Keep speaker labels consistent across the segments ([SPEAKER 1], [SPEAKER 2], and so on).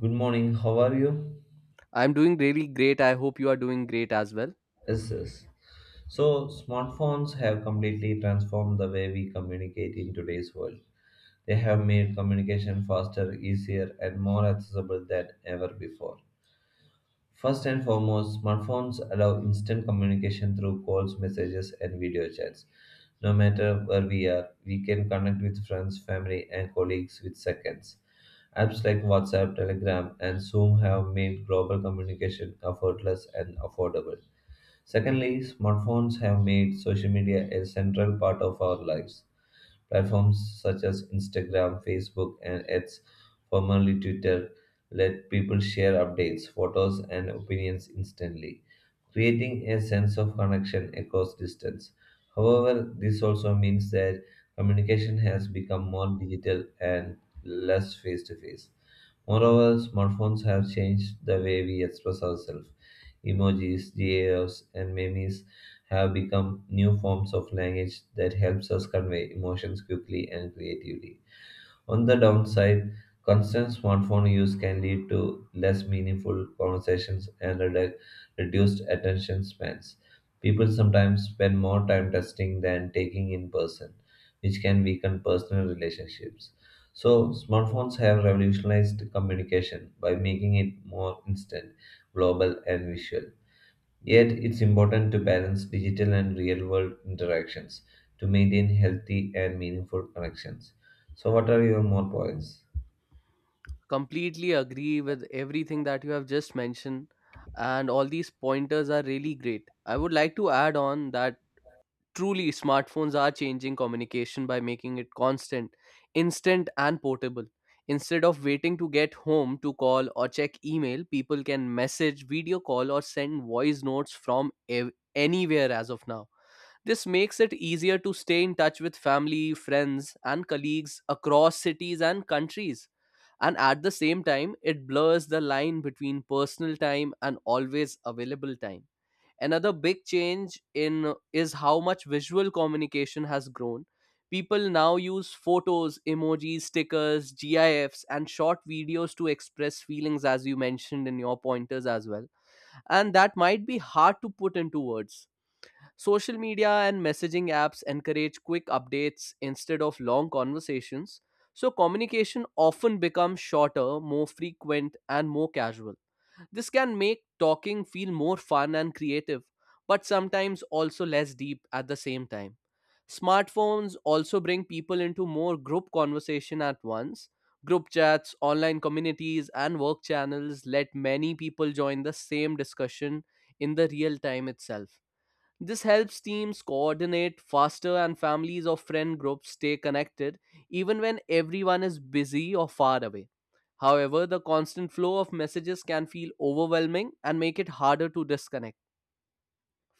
[SPEAKER 1] Good morning, how are you?
[SPEAKER 2] I'm doing really great. I hope you are doing great as well.
[SPEAKER 1] Yes, yes. So, smartphones have completely transformed the way we communicate in today's world. They have made communication faster, easier, and more accessible than ever before. First and foremost, smartphones allow instant communication through calls, messages, and video chats. No matter where we are, we can connect with friends, family, and colleagues with seconds. Apps like WhatsApp, Telegram, and Zoom have made global communication effortless and affordable. Secondly, smartphones have made social media a central part of our lives. Platforms such as Instagram, Facebook, and X, formerly Twitter, let people share updates, photos, and opinions instantly, creating a sense of connection across distance. However, this also means that communication has become more digital and less face to face. Moreover, smartphones have changed the way we express ourselves. Emojis, GIFs, and memes have become new forms of language that helps us convey emotions quickly and creatively. On the downside, constant smartphone use can lead to less meaningful conversations and reduced attention spans. People sometimes spend more time testing than taking in person, which can weaken personal relationships. So, smartphones have revolutionized communication by making it more instant, global, and visual. Yet, it's important to balance digital and real world interactions to maintain healthy and meaningful connections. So, what are your more points?
[SPEAKER 2] Completely agree with everything that you have just mentioned, and all these pointers are really great. I would like to add on that truly smartphones are changing communication by making it constant, instant, and portable. Instead of waiting to get home to call or check email, people can message, video call, or send voice notes from anywhere as of now. This makes it easier to stay in touch with family, friends, and colleagues across cities and countries. And at the same time, it blurs the line between personal time and always available time. Another big change in is how much visual communication has grown. People now use photos, emojis, stickers, GIFs, and short videos to express feelings, as you mentioned in your pointers as well. And that might be hard to put into words. Social media and messaging apps encourage quick updates instead of long conversations, so communication often becomes shorter, more frequent, and more casual. This can make talking feel more fun and creative, but sometimes also less deep at the same time. Smartphones also bring people into more group conversation at once. Group chats, online communities, and work channels let many people join the same discussion in the real time itself. This helps teams coordinate faster and families or friend groups stay connected even when everyone is busy or far away. However, the constant flow of messages can feel overwhelming and make it harder to disconnect.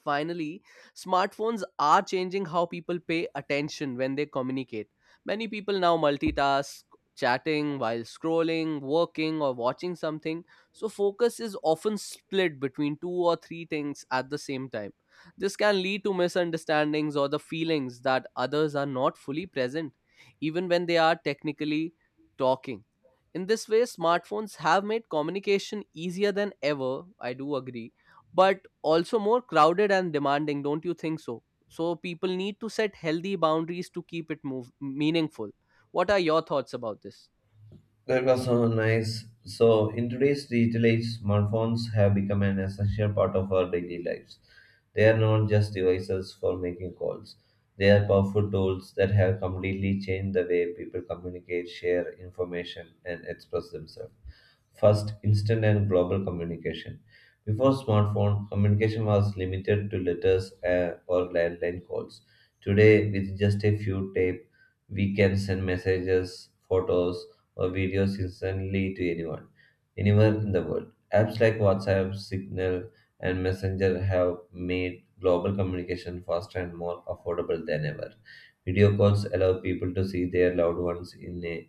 [SPEAKER 2] Finally, smartphones are changing how people pay attention when they communicate. Many people now multitask, chatting while scrolling, working, or watching something, so focus is often split between two or three things at the same time. This can lead to misunderstandings or the feelings that others are not fully present, even when they are technically talking. In this way, smartphones have made communication easier than ever, I do agree, but also more crowded and demanding. Don't you think so? So people need to set healthy boundaries to keep it meaningful. What are your thoughts about this?
[SPEAKER 1] That was so nice. So, in today's digital age, smartphones have become an essential part of our daily lives. They are not just devices for making calls, they are powerful tools that have completely changed the way people communicate, share information, and express themselves. First, instant and global communication. Before smartphone, communication was limited to letters or landline calls. Today, with just a few taps, we can send messages, photos, or videos instantly to anyone, anywhere in the world. Apps like WhatsApp, Signal, and Messenger have made global communication faster and more affordable than ever. Video calls allow people to see their loved ones in a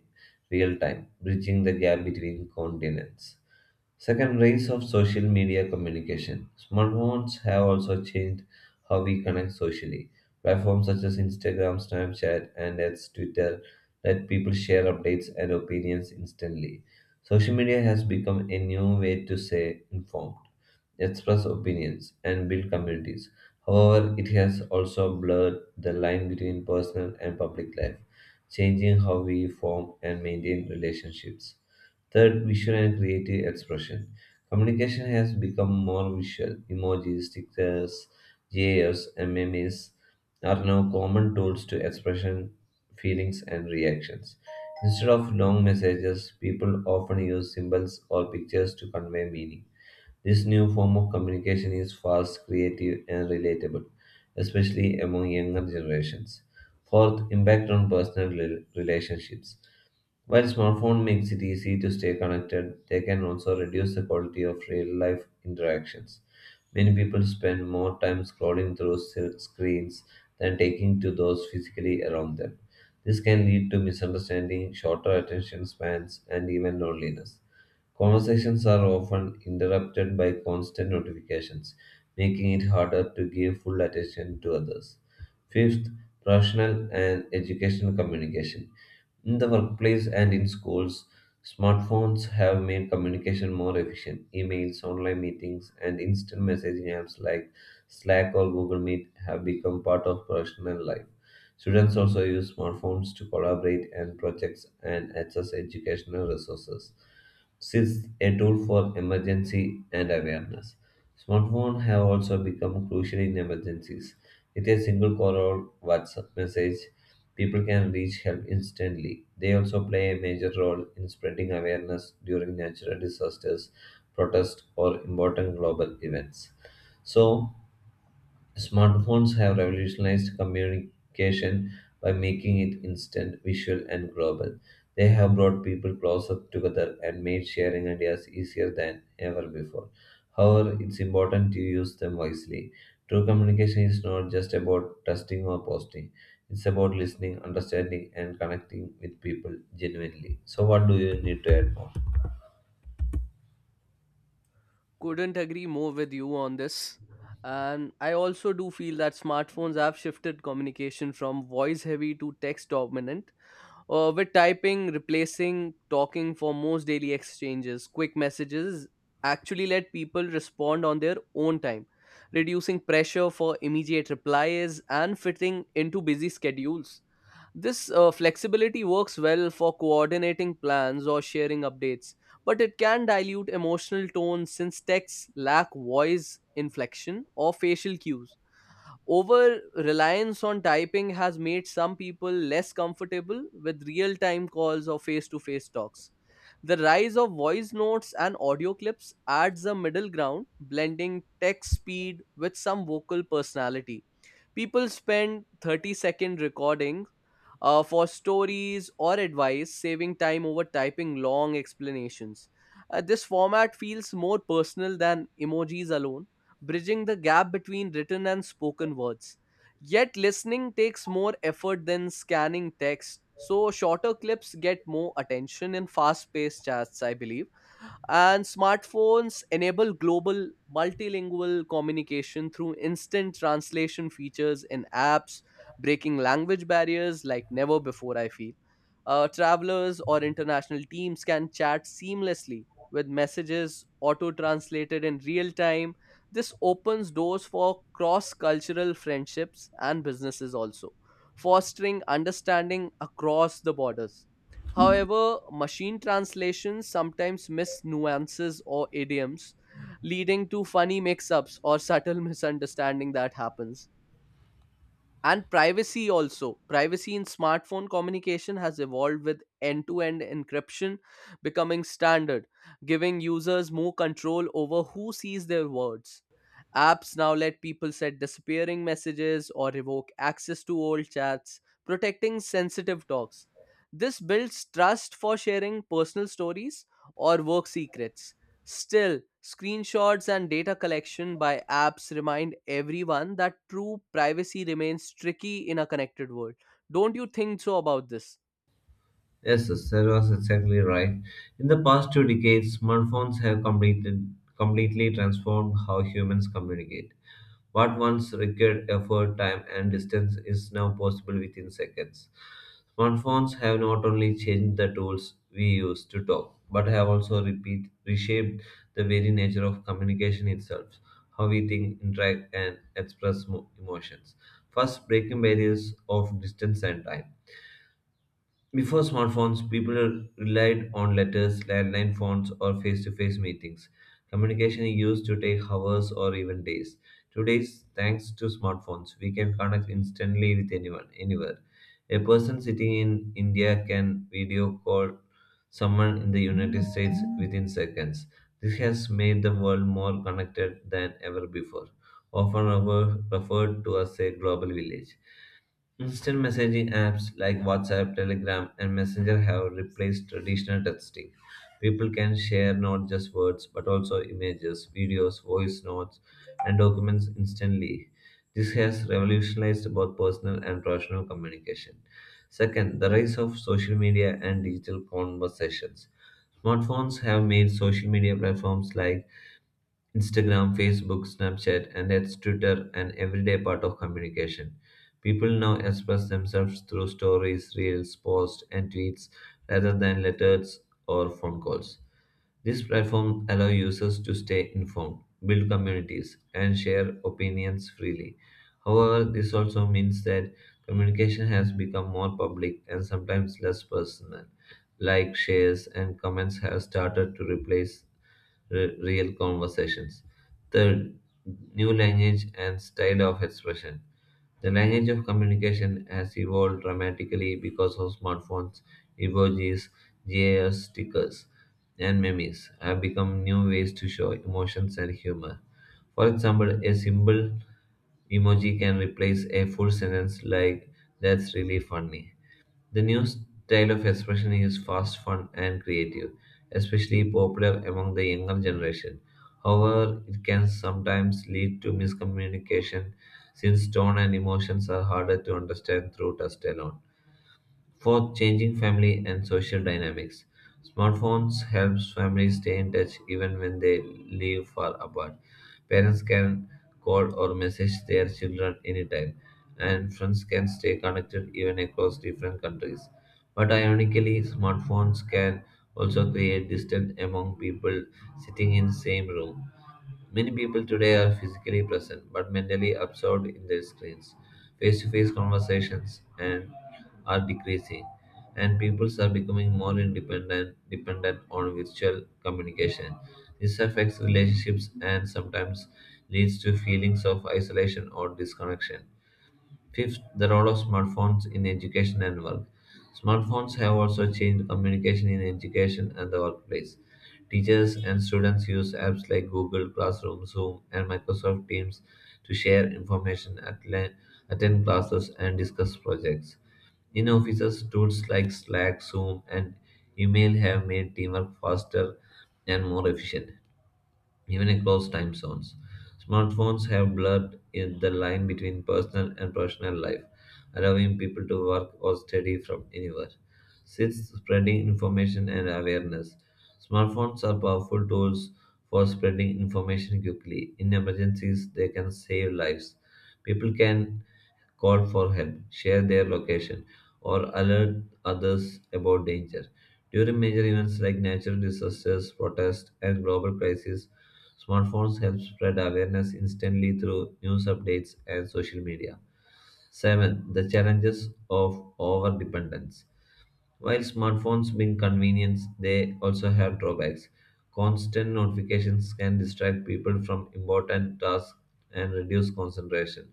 [SPEAKER 1] real time, bridging the gap between continents. Second, rise of social media communication. Smartphones have also changed how we connect socially. Platforms such as Instagram, Snapchat, and its Twitter let people share updates and opinions instantly. Social media has become a new way to stay informed, express opinions, and build communities. However, it has also blurred the line between personal and public life, changing how we form and maintain relationships. Third, visual and creative expression. Communication has become more visual. Emojis, stickers, GIFs, and memes are now common tools to expression feelings and reactions. Instead of long messages, people often use symbols or pictures to convey meaning. This new form of communication is fast, creative, and relatable, especially among younger generations. Fourth, impact on personal relationships. While smartphone makes it easy to stay connected, they can also reduce the quality of real-life interactions. Many people spend more time scrolling through screens than taking to those physically around them. This can lead to misunderstanding, shorter attention spans, and even loneliness. Conversations are often interrupted by constant notifications, making it harder to give full attention to others. Fifth, professional and educational communication. In the workplace and in schools, smartphones have made communication more efficient. Emails, online meetings, and instant messaging apps like Slack or Google Meet have become part of professional life. Students also use smartphones to collaborate and projects and access educational resources. Since a tool for emergency and awareness. Smartphones have also become crucial in emergencies. With a single call or WhatsApp message, people can reach help instantly. They also play a major role in spreading awareness during natural disasters, protests, or important global events. So, smartphones have revolutionized communication by making it instant, visual, and global. They have brought people closer together and made sharing ideas easier than ever before. However, it's important to use them wisely. True communication is not just about texting or posting, it's about listening, understanding, and connecting with people genuinely. So, what do you need to add more?
[SPEAKER 2] Couldn't agree more with you on this, and I also do feel that smartphones have shifted communication from voice heavy to text dominant. With typing replacing talking for most daily exchanges, quick messages actually let people respond on their own time, reducing pressure for immediate replies and fitting into busy schedules. This flexibility works well for coordinating plans or sharing updates, but it can dilute emotional tone since texts lack voice inflection or facial cues. Over reliance on typing has made some people less comfortable with real time calls or face to face talks. The rise of voice notes and audio clips adds a middle ground, blending text speed with some vocal personality. People spend 30-second recordings for stories or advice, saving time over typing long explanations. This format feels more personal than emojis alone, bridging the gap between written and spoken words. Yet, listening takes more effort than scanning text, so shorter clips get more attention in fast paced chats, I believe. And smartphones enable global multilingual communication through instant translation features in apps, breaking language barriers like never before, I feel. Travelers or international teams can chat seamlessly with messages auto translated in real time. This opens doors for cross cultural friendships and businesses also, fostering understanding across the borders. However, machine translations sometimes miss nuances or idioms, leading to funny mix ups or subtle misunderstanding that happens. And privacy also, privacy in smartphone communication has evolved with end-to-end encryption becoming standard, giving users more control over who sees their words. Apps now let people set disappearing messages or revoke access to old chats, protecting sensitive talks. This builds trust for sharing personal stories or work secrets. Still, screenshots and data collection by apps remind everyone that true privacy remains tricky in a connected world. Don't you think so about this?
[SPEAKER 1] Yes, yes, that was exactly right. In the past two decades, smartphones have completely transformed how humans communicate. What once required effort, time, and distance is now possible within seconds. Smartphones have not only changed the tools we use to talk, but have also reshaped the very nature of communication itself, how we think, interact, and express emotions. First, breaking barriers of distance and time. Before smartphones, people relied on letters, landline phones, or face to face meetings. Communication used to take hours or even days. Today, thanks to smartphones, we can connect instantly with anyone, anywhere. A person sitting in India can video call someone in the United States within seconds. This has made the world more connected than ever before, often referred to as a global village. Instant messaging apps like WhatsApp, Telegram, and Messenger have replaced traditional texting. People can share not just words but also images, videos, voice notes, and documents instantly. This has revolutionized both personal and professional communication. Second, the rise of social media and digital conversations. Smartphones have made social media platforms like Instagram, Facebook, Snapchat, and its Twitter an everyday part of communication. People now express themselves through stories, reels, posts, and tweets rather than letters or phone calls. These platforms allow users to stay informed, build communities, and share opinions freely. However, this also means that communication has become more public and sometimes less personal, like shares and comments have started to replace real conversations. The new language and style of expression. The language of communication has evolved dramatically because of smartphones, emojis, GIFs, stickers, and memes have become new ways to show emotions and humor. For example, a simple emoji can replace a full sentence like "That's really funny." The new style of expression is fast, fun, and creative, especially popular among the younger generation. However, it can sometimes lead to miscommunication since tone and emotions are harder to understand through text alone. Fourth, changing family and social dynamics. Smartphones helps families stay in touch even when they live far apart. Parents can call or message their children anytime, and friends can stay connected even across different countries. But ironically, smartphones can also create distance among people sitting in same room. Many people today are physically present but mentally absorbed in their screens. Face to face conversations and are decreasing, and peoples are becoming more independent dependent on virtual communication. This affects relationships and sometimes leads to feelings of isolation or disconnection. Fifth, the role of smartphones in education and work. Smartphones have also changed communication in education and the workplace. Teachers and students use apps like Google Classroom, Zoom, and Microsoft Teams to share information, attend classes, and discuss projects. In offices, tools like Slack, Zoom, and email have made teamwork faster and more efficient even across time zones. Smartphones have blurred in the line between personal and professional life, allowing people to work or study from anywhere. Sixth, spreading information and awareness. Smartphones are powerful tools for spreading information quickly. In emergencies, they can save lives. People can call for help, share their location, or alert others about danger. During major events like natural disasters, protests, and global crises, smartphones help spread awareness instantly through news updates and social media. 7. The challenges of overdependence. While smartphones bring convenience, they also have drawbacks. Constant notifications can distract people from important tasks and reduce concentration.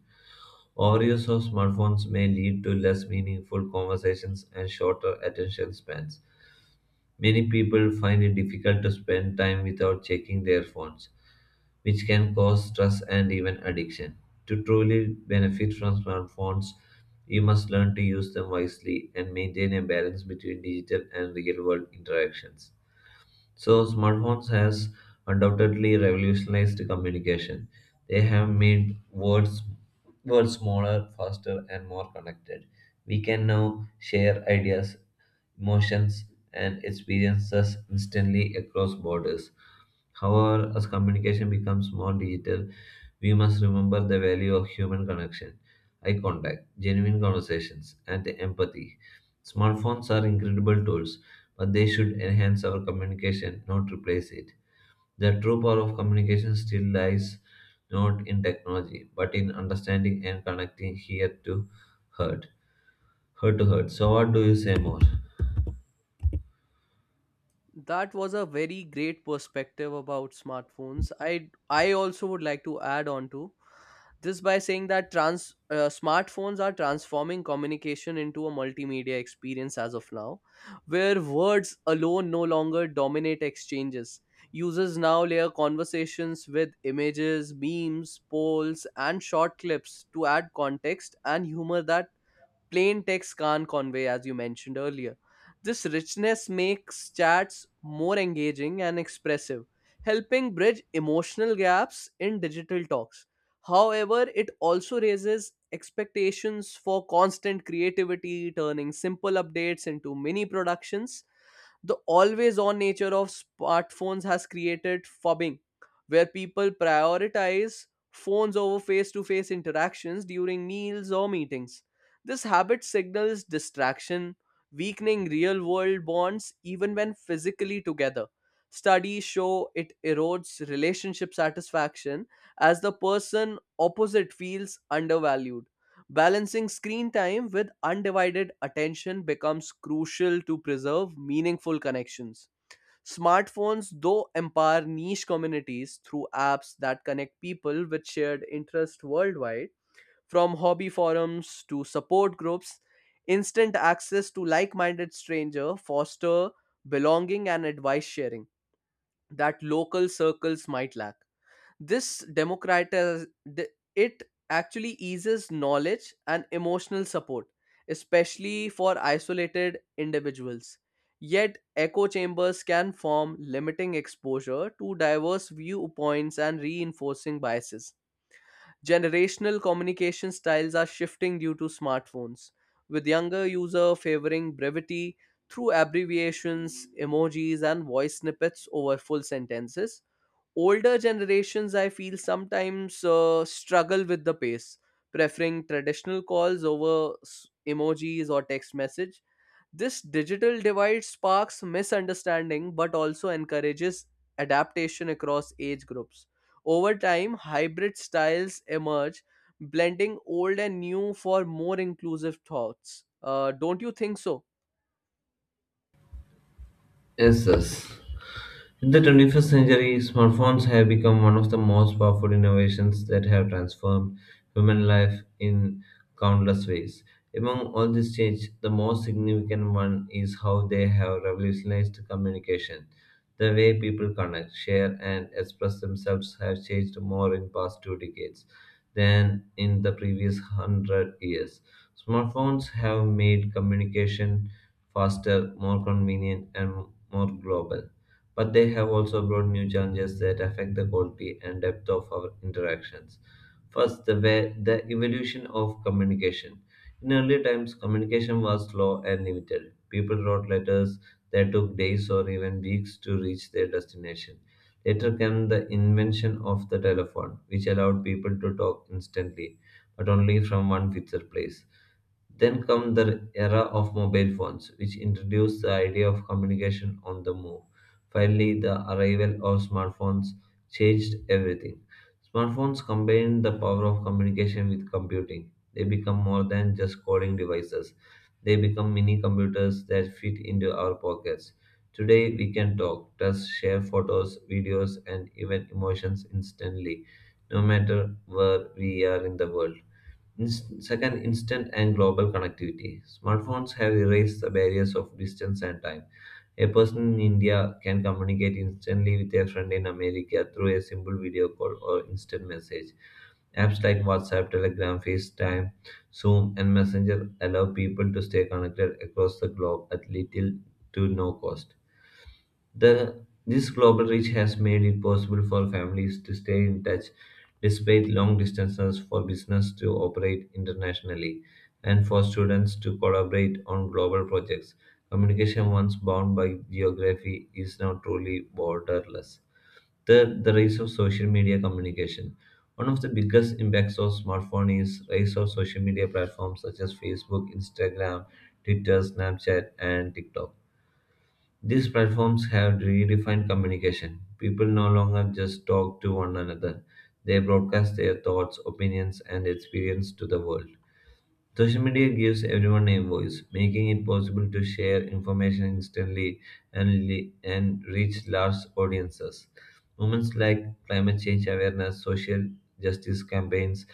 [SPEAKER 1] Overuse of smartphones may lead to less meaningful conversations and shorter attention spans. Many people find it difficult to spend time without checking their phones, which can cause stress and even addiction. To truly benefit from smartphones, you must learn to use them wisely and maintain a balance between digital and real world interactions. So smartphones has undoubtedly revolutionized communication. They have made words world smaller, faster and more connected. We can now share ideas, emotions and experiences instantly across borders. However, as communication becomes more digital, we must remember the value of human connection, eye contact, genuine conversations, and empathy. Smartphones are incredible tools, but they should enhance our communication, not replace it. The true power of communication still lies not in technology, but in understanding and connecting here to heart, heart to heart. So, what do you say more?
[SPEAKER 2] That was a very great perspective about smartphones. I also would like to add on to this by saying that trans smartphones are transforming communication into a multimedia experience as of now, where words alone no longer dominate exchanges. Users now layer conversations with images, memes, polls, and short clips to add context and humor that plain text can't convey, as you mentioned earlier. This richness makes chats more engaging and expressive, helping bridge emotional gaps in digital talks. However, it also raises expectations for constant creativity, turning simple updates into mini productions. The always on nature of smartphones has created fobbing, where people prioritize phones over face to face interactions during meals or meetings. This habit signals distraction, weakening real world bonds even when physically together. Studies show it erodes relationship satisfaction as the person opposite feels undervalued. Balancing screen time with undivided attention becomes crucial to preserve meaningful connections. Smartphones, though, empower niche communities through apps that connect people with shared interests worldwide. From hobby forums to support groups, instant access to like minded strangers foster belonging and advice sharing that local circles might lack. This democratize the- it actually eases knowledge and emotional support, especially for isolated individuals. Yet, echo chambers can form, limiting exposure to diverse viewpoints and reinforcing biases. Generational communication styles are shifting due to smartphones, with younger users favoring brevity through abbreviations, emojis, and voice snippets over full sentences. Older generations I feel sometimes struggle with the pace, preferring traditional calls over emojis or text message. This digital divide sparks misunderstanding but also encourages adaptation across age groups. Over time hybrid styles emerge, blending old and new for more inclusive thoughts. Don't you think so?
[SPEAKER 1] Yes, yes. In the 21st century, smartphones have become one of the most powerful innovations that have transformed human life in countless ways. Among all these changes, the most significant one is how they have revolutionized communication. The way people connect, share, and express themselves have changed more in past two decades than in the previous 100 years. Smartphones have made communication faster, more convenient, and more global but they have also brought new challenges that affect the quality and depth of our interactions. First, the evolution of communication. In early times, communication was slow and limited. People wrote letters that took days or even weeks to reach their destination. Later came the invention of the telephone, which allowed people to talk instantly, but only from one fixed place. Then come the era of mobile phones, which introduced the idea of communication on the move. Finally, the arrival of smartphones changed everything. Smartphones combine the power of communication with computing. They become more than just coding devices. They become mini computers that fit into our pockets. Today, we can talk, touch, share photos, videos, and even emotions instantly, no matter where we are in the world. Second, instant and global connectivity. Smartphones have erased the barriers of distance and time. A person in India can communicate instantly with a friend in America through a simple video call or instant message. Apps like WhatsApp, Telegram, FaceTime, Zoom, and Messenger allow people to stay connected across the globe at little to no cost. This global reach has made it possible for families to stay in touch despite long distances, for business to operate internationally, and for students to collaborate on global projects. Communication, once bound by geography, is now truly borderless. Third, the rise of social media communication. One of the biggest impacts of smartphone is rise of social media platforms such as Facebook, Instagram, Twitter, Snapchat, and TikTok. These platforms have redefined communication. People no longer just talk to one another, they broadcast their thoughts, opinions, and experience to the world. Social media gives everyone a voice, making it possible to share information instantly and reach large audiences. Movements like climate change awareness, social justice campaigns,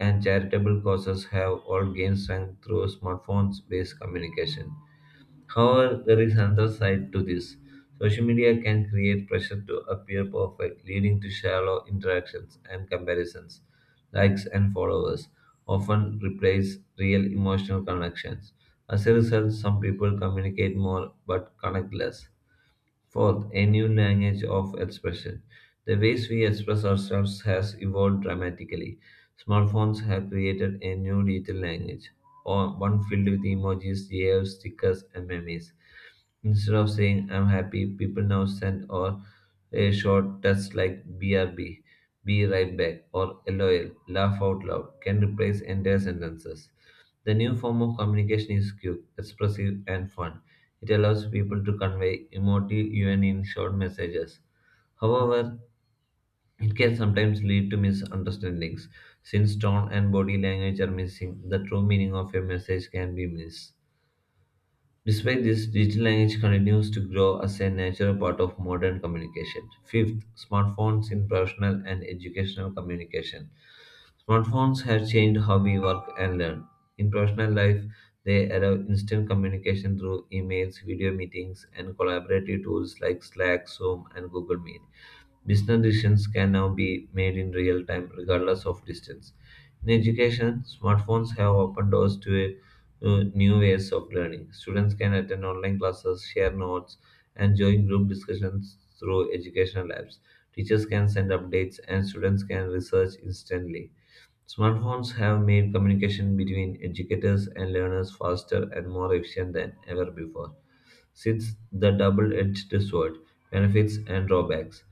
[SPEAKER 1] and charitable causes have all gained strength through smartphones based communication. However, there is another side to this. Social media can create pressure to appear perfect, leading to shallow interactions and comparisons. Likes and followers often replace real emotional connections. As a result, some people communicate more but connect less. Fourth, a new language of expression. The ways we express ourselves has evolved dramatically. Smartphones have created a new digital language, or one filled with emojis, GIFs, stickers, and memes. Instead of saying I'm happy, people now send or a short text like BRB, be right back, or LOL, laugh out loud, can replace entire sentences. The new form of communication is quick, expressive, and fun. It allows people to convey emotive even in short messages. However, it can sometimes lead to misunderstandings. Since tone and body language are missing, the true meaning of a message can be missed. Despite this, digital language continues to grow as a natural part of modern communication. Fifth, smartphones in professional and educational communication. Smartphones have changed how we work and learn. In professional life, they allow instant communication through emails, video meetings, and collaborative tools like Slack, Zoom, and Google Meet. Business decisions can now be made in real time, regardless of distance. In education, smartphones have opened doors to new ways of learning. Students can attend online classes, share notes, and join group discussions through educational apps. Teachers can send updates, and students can research instantly. Smartphones have made communication between educators and learners faster and more efficient than ever before. Since the double edged sword, benefits and drawbacks.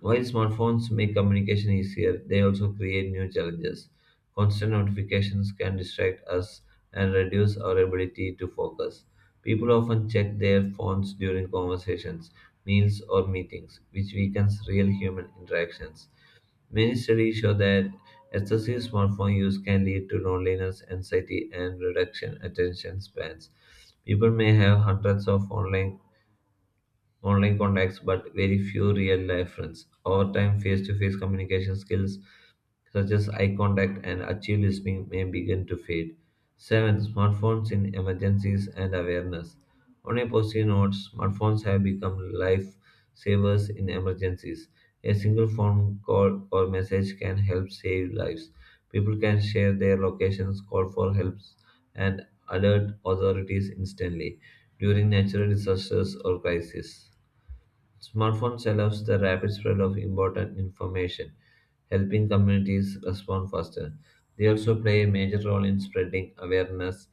[SPEAKER 1] While smartphones make communication easier, they also create new challenges. Constant notifications can distract us and reduce our ability to focus. People often check their phones during conversations, meals, or meetings, which weakens real human interactions. Many studies show that excessive smartphone use can lead to loneliness, anxiety, and reduction attention spans. People may have hundreds of online contacts, but very few real life friends. Over time, face to face communication skills such as eye contact and active listening may begin to fade. 7. Smartphones in emergencies and awareness. On a positive note, smartphones have become life savers in emergencies. A single phone call or message can help save lives. People can share their locations, call for help, and alert authorities instantly during natural disasters or crises. Smartphones allows the rapid spread of important information, helping communities respond faster. They also play a major role in spreading awareness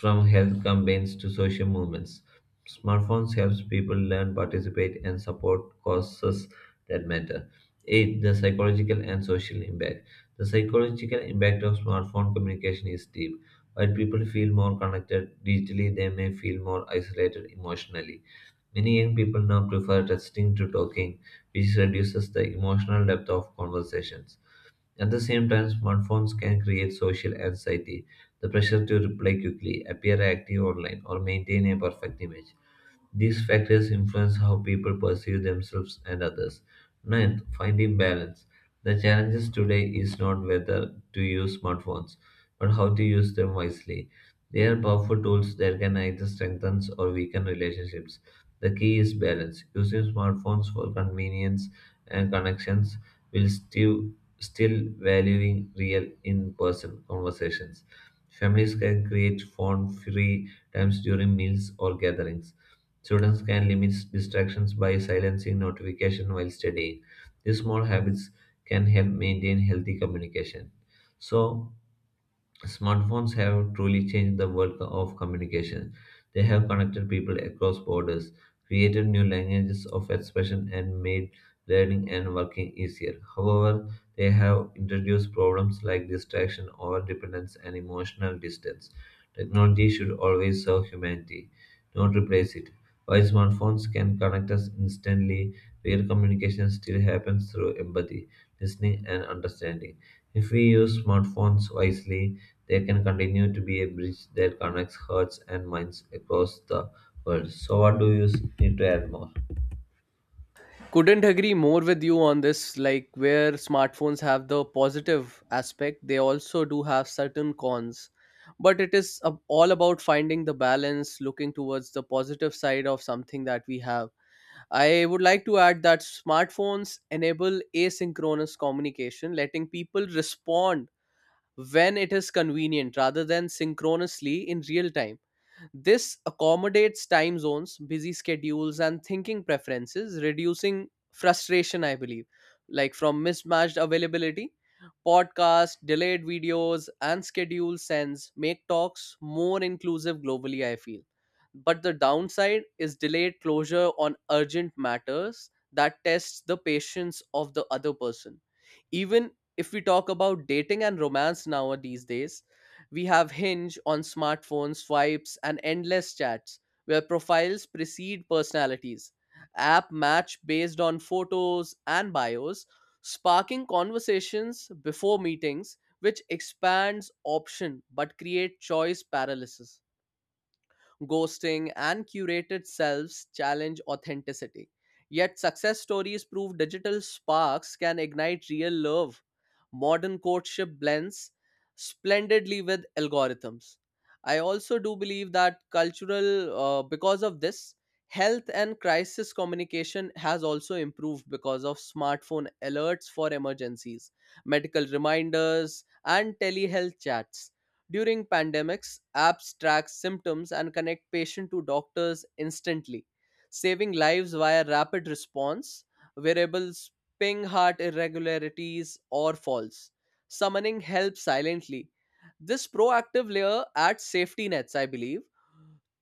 [SPEAKER 1] from health campaigns to social movements. Smartphones helps people learn, participate, and support causes that matter. 8. The psychological and social impact. The psychological impact of smartphone communication is deep. While people feel more connected digitally, they may feel more isolated emotionally. Many young people now prefer texting to talking, which reduces the emotional depth of conversations. At the same time, smartphones can create social anxiety, the pressure to reply quickly, appear active online, or maintain a perfect image. These factors influence how people perceive themselves and others. Ninth, finding balance. The challenges today is not whether to use smartphones, but how to use them wisely. They are powerful tools that can either strengthen or weaken relationships. The key is balance. Using smartphones for convenience and connections while still valuing real in-person conversations. Families can create phone-free times during meals or gatherings. Students can limit distractions by silencing notification while studying. These small habits can help maintain healthy communication. So smartphones have truly changed the world of communication. They have connected people across borders, created new languages of expression, and made learning and working easier. However, they have introduced problems like distraction, overdependence, and emotional distance. Technology should always serve humanity, not replace it. While smartphones can connect us instantly, real communication still happens through empathy, listening, and understanding. If we use smartphones wisely, they can continue to be a bridge that connects hearts and minds across the world. So, what do you need to add more?
[SPEAKER 2] Couldn't agree more with you on this. Like where smartphones have the positive aspect they also do have certain cons, but it is all about finding the balance, looking towards the positive side of something that we have. I would like to add that smartphones enable asynchronous communication, letting people respond when it is convenient rather than synchronously in real time. This accommodates time zones, busy schedules, and thinking preferences, reducing frustration, I believe, like from mismatched availability. Podcasts, delayed videos, and schedule sends make talks more inclusive globally, I feel. But the downside is delayed closure on urgent matters that tests the patience of the other person. Even if we talk about dating and romance now these days, we have Hinge on smartphones, swipes, and endless chats where profiles precede personalities. App match based on photos and bios, sparking conversations before meetings, which expands option but create choice paralysis, ghosting, and curated selves challenge authenticity. Yet, success stories prove digital sparks can ignite real love. Modern courtship blends splendidly with algorithms. I also do believe that because of this, health and crisis communication has also improved because of smartphone alerts for emergencies, medical reminders, and telehealth chats. During pandemics, apps track symptoms and connect patient to doctors instantly, saving lives via rapid response. Wearables ping heart irregularities or falls, summoning help silently. This proactive layer adds safety nets, I believe,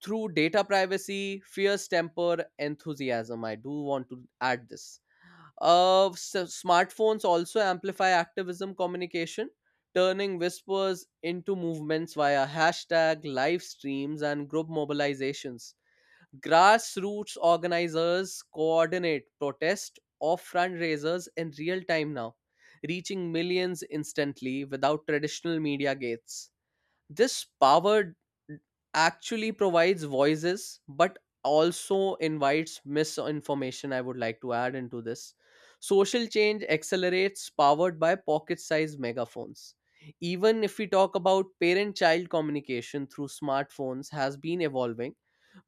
[SPEAKER 2] through data privacy, fierce temper, enthusiasm. I do want to add this. Uh, s- Smartphones also amplify activism communication, turning whispers into movements via hashtag, live streams, and group mobilizations. Grassroots organizers coordinate protest or fundraisers in real time now, reaching millions instantly without traditional media gates. This power actually provides voices but also invites misinformation. I would like to add into this, social change accelerates, powered by pocket-sized megaphones. Even if we talk about parent-child communication through smartphones, has been evolving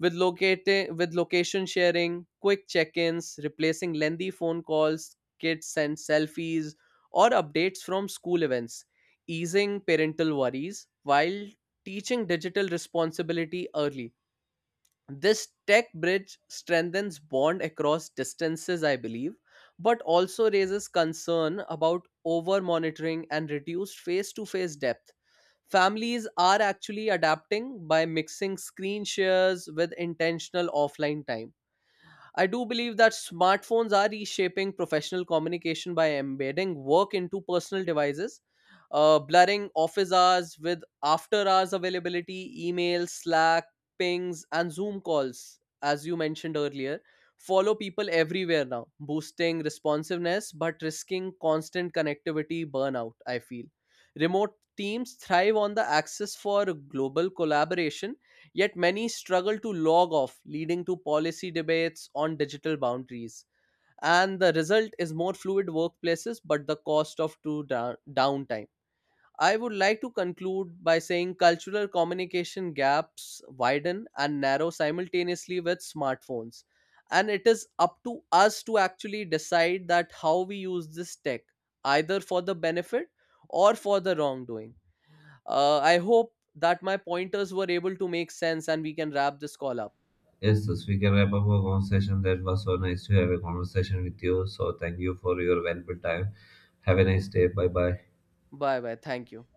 [SPEAKER 2] with locating with location sharing, quick check-ins replacing lengthy phone calls. Kids send selfies or updates from school events, easing parental worries while teaching digital responsibility early. This tech bridge strengthens bond across distances, I believe, but also raises concern about over monitoring and reduced face to face depth. Families are actually adapting by mixing screen shares with intentional offline time. I do believe that smartphones are reshaping professional communication by embedding work into personal devices, blurring office hours with after hours availability, emails, Slack, pings, and Zoom calls, as you mentioned earlier. Follow people everywhere now, boosting responsiveness but risking constant connectivity burnout, I feel. Remote teams thrive on the access for global collaboration. Yet many struggle to log off, leading to policy debates on digital boundaries. And the result is more fluid workplaces, but the cost of too downtime. I would like to conclude by saying cultural communication gaps widen and narrow simultaneously with smartphones. And it is up to us to actually decide that how we use this tech, either for the benefit or for the wrongdoing. I hope that my pointers were able to make sense and we can wrap this call up.
[SPEAKER 1] Yes, thus we can wrap up our conversation. That was so nice to have a conversation with you. So, thank you for your valuable time. Have a nice day. Bye bye.
[SPEAKER 2] Bye bye. Thank you.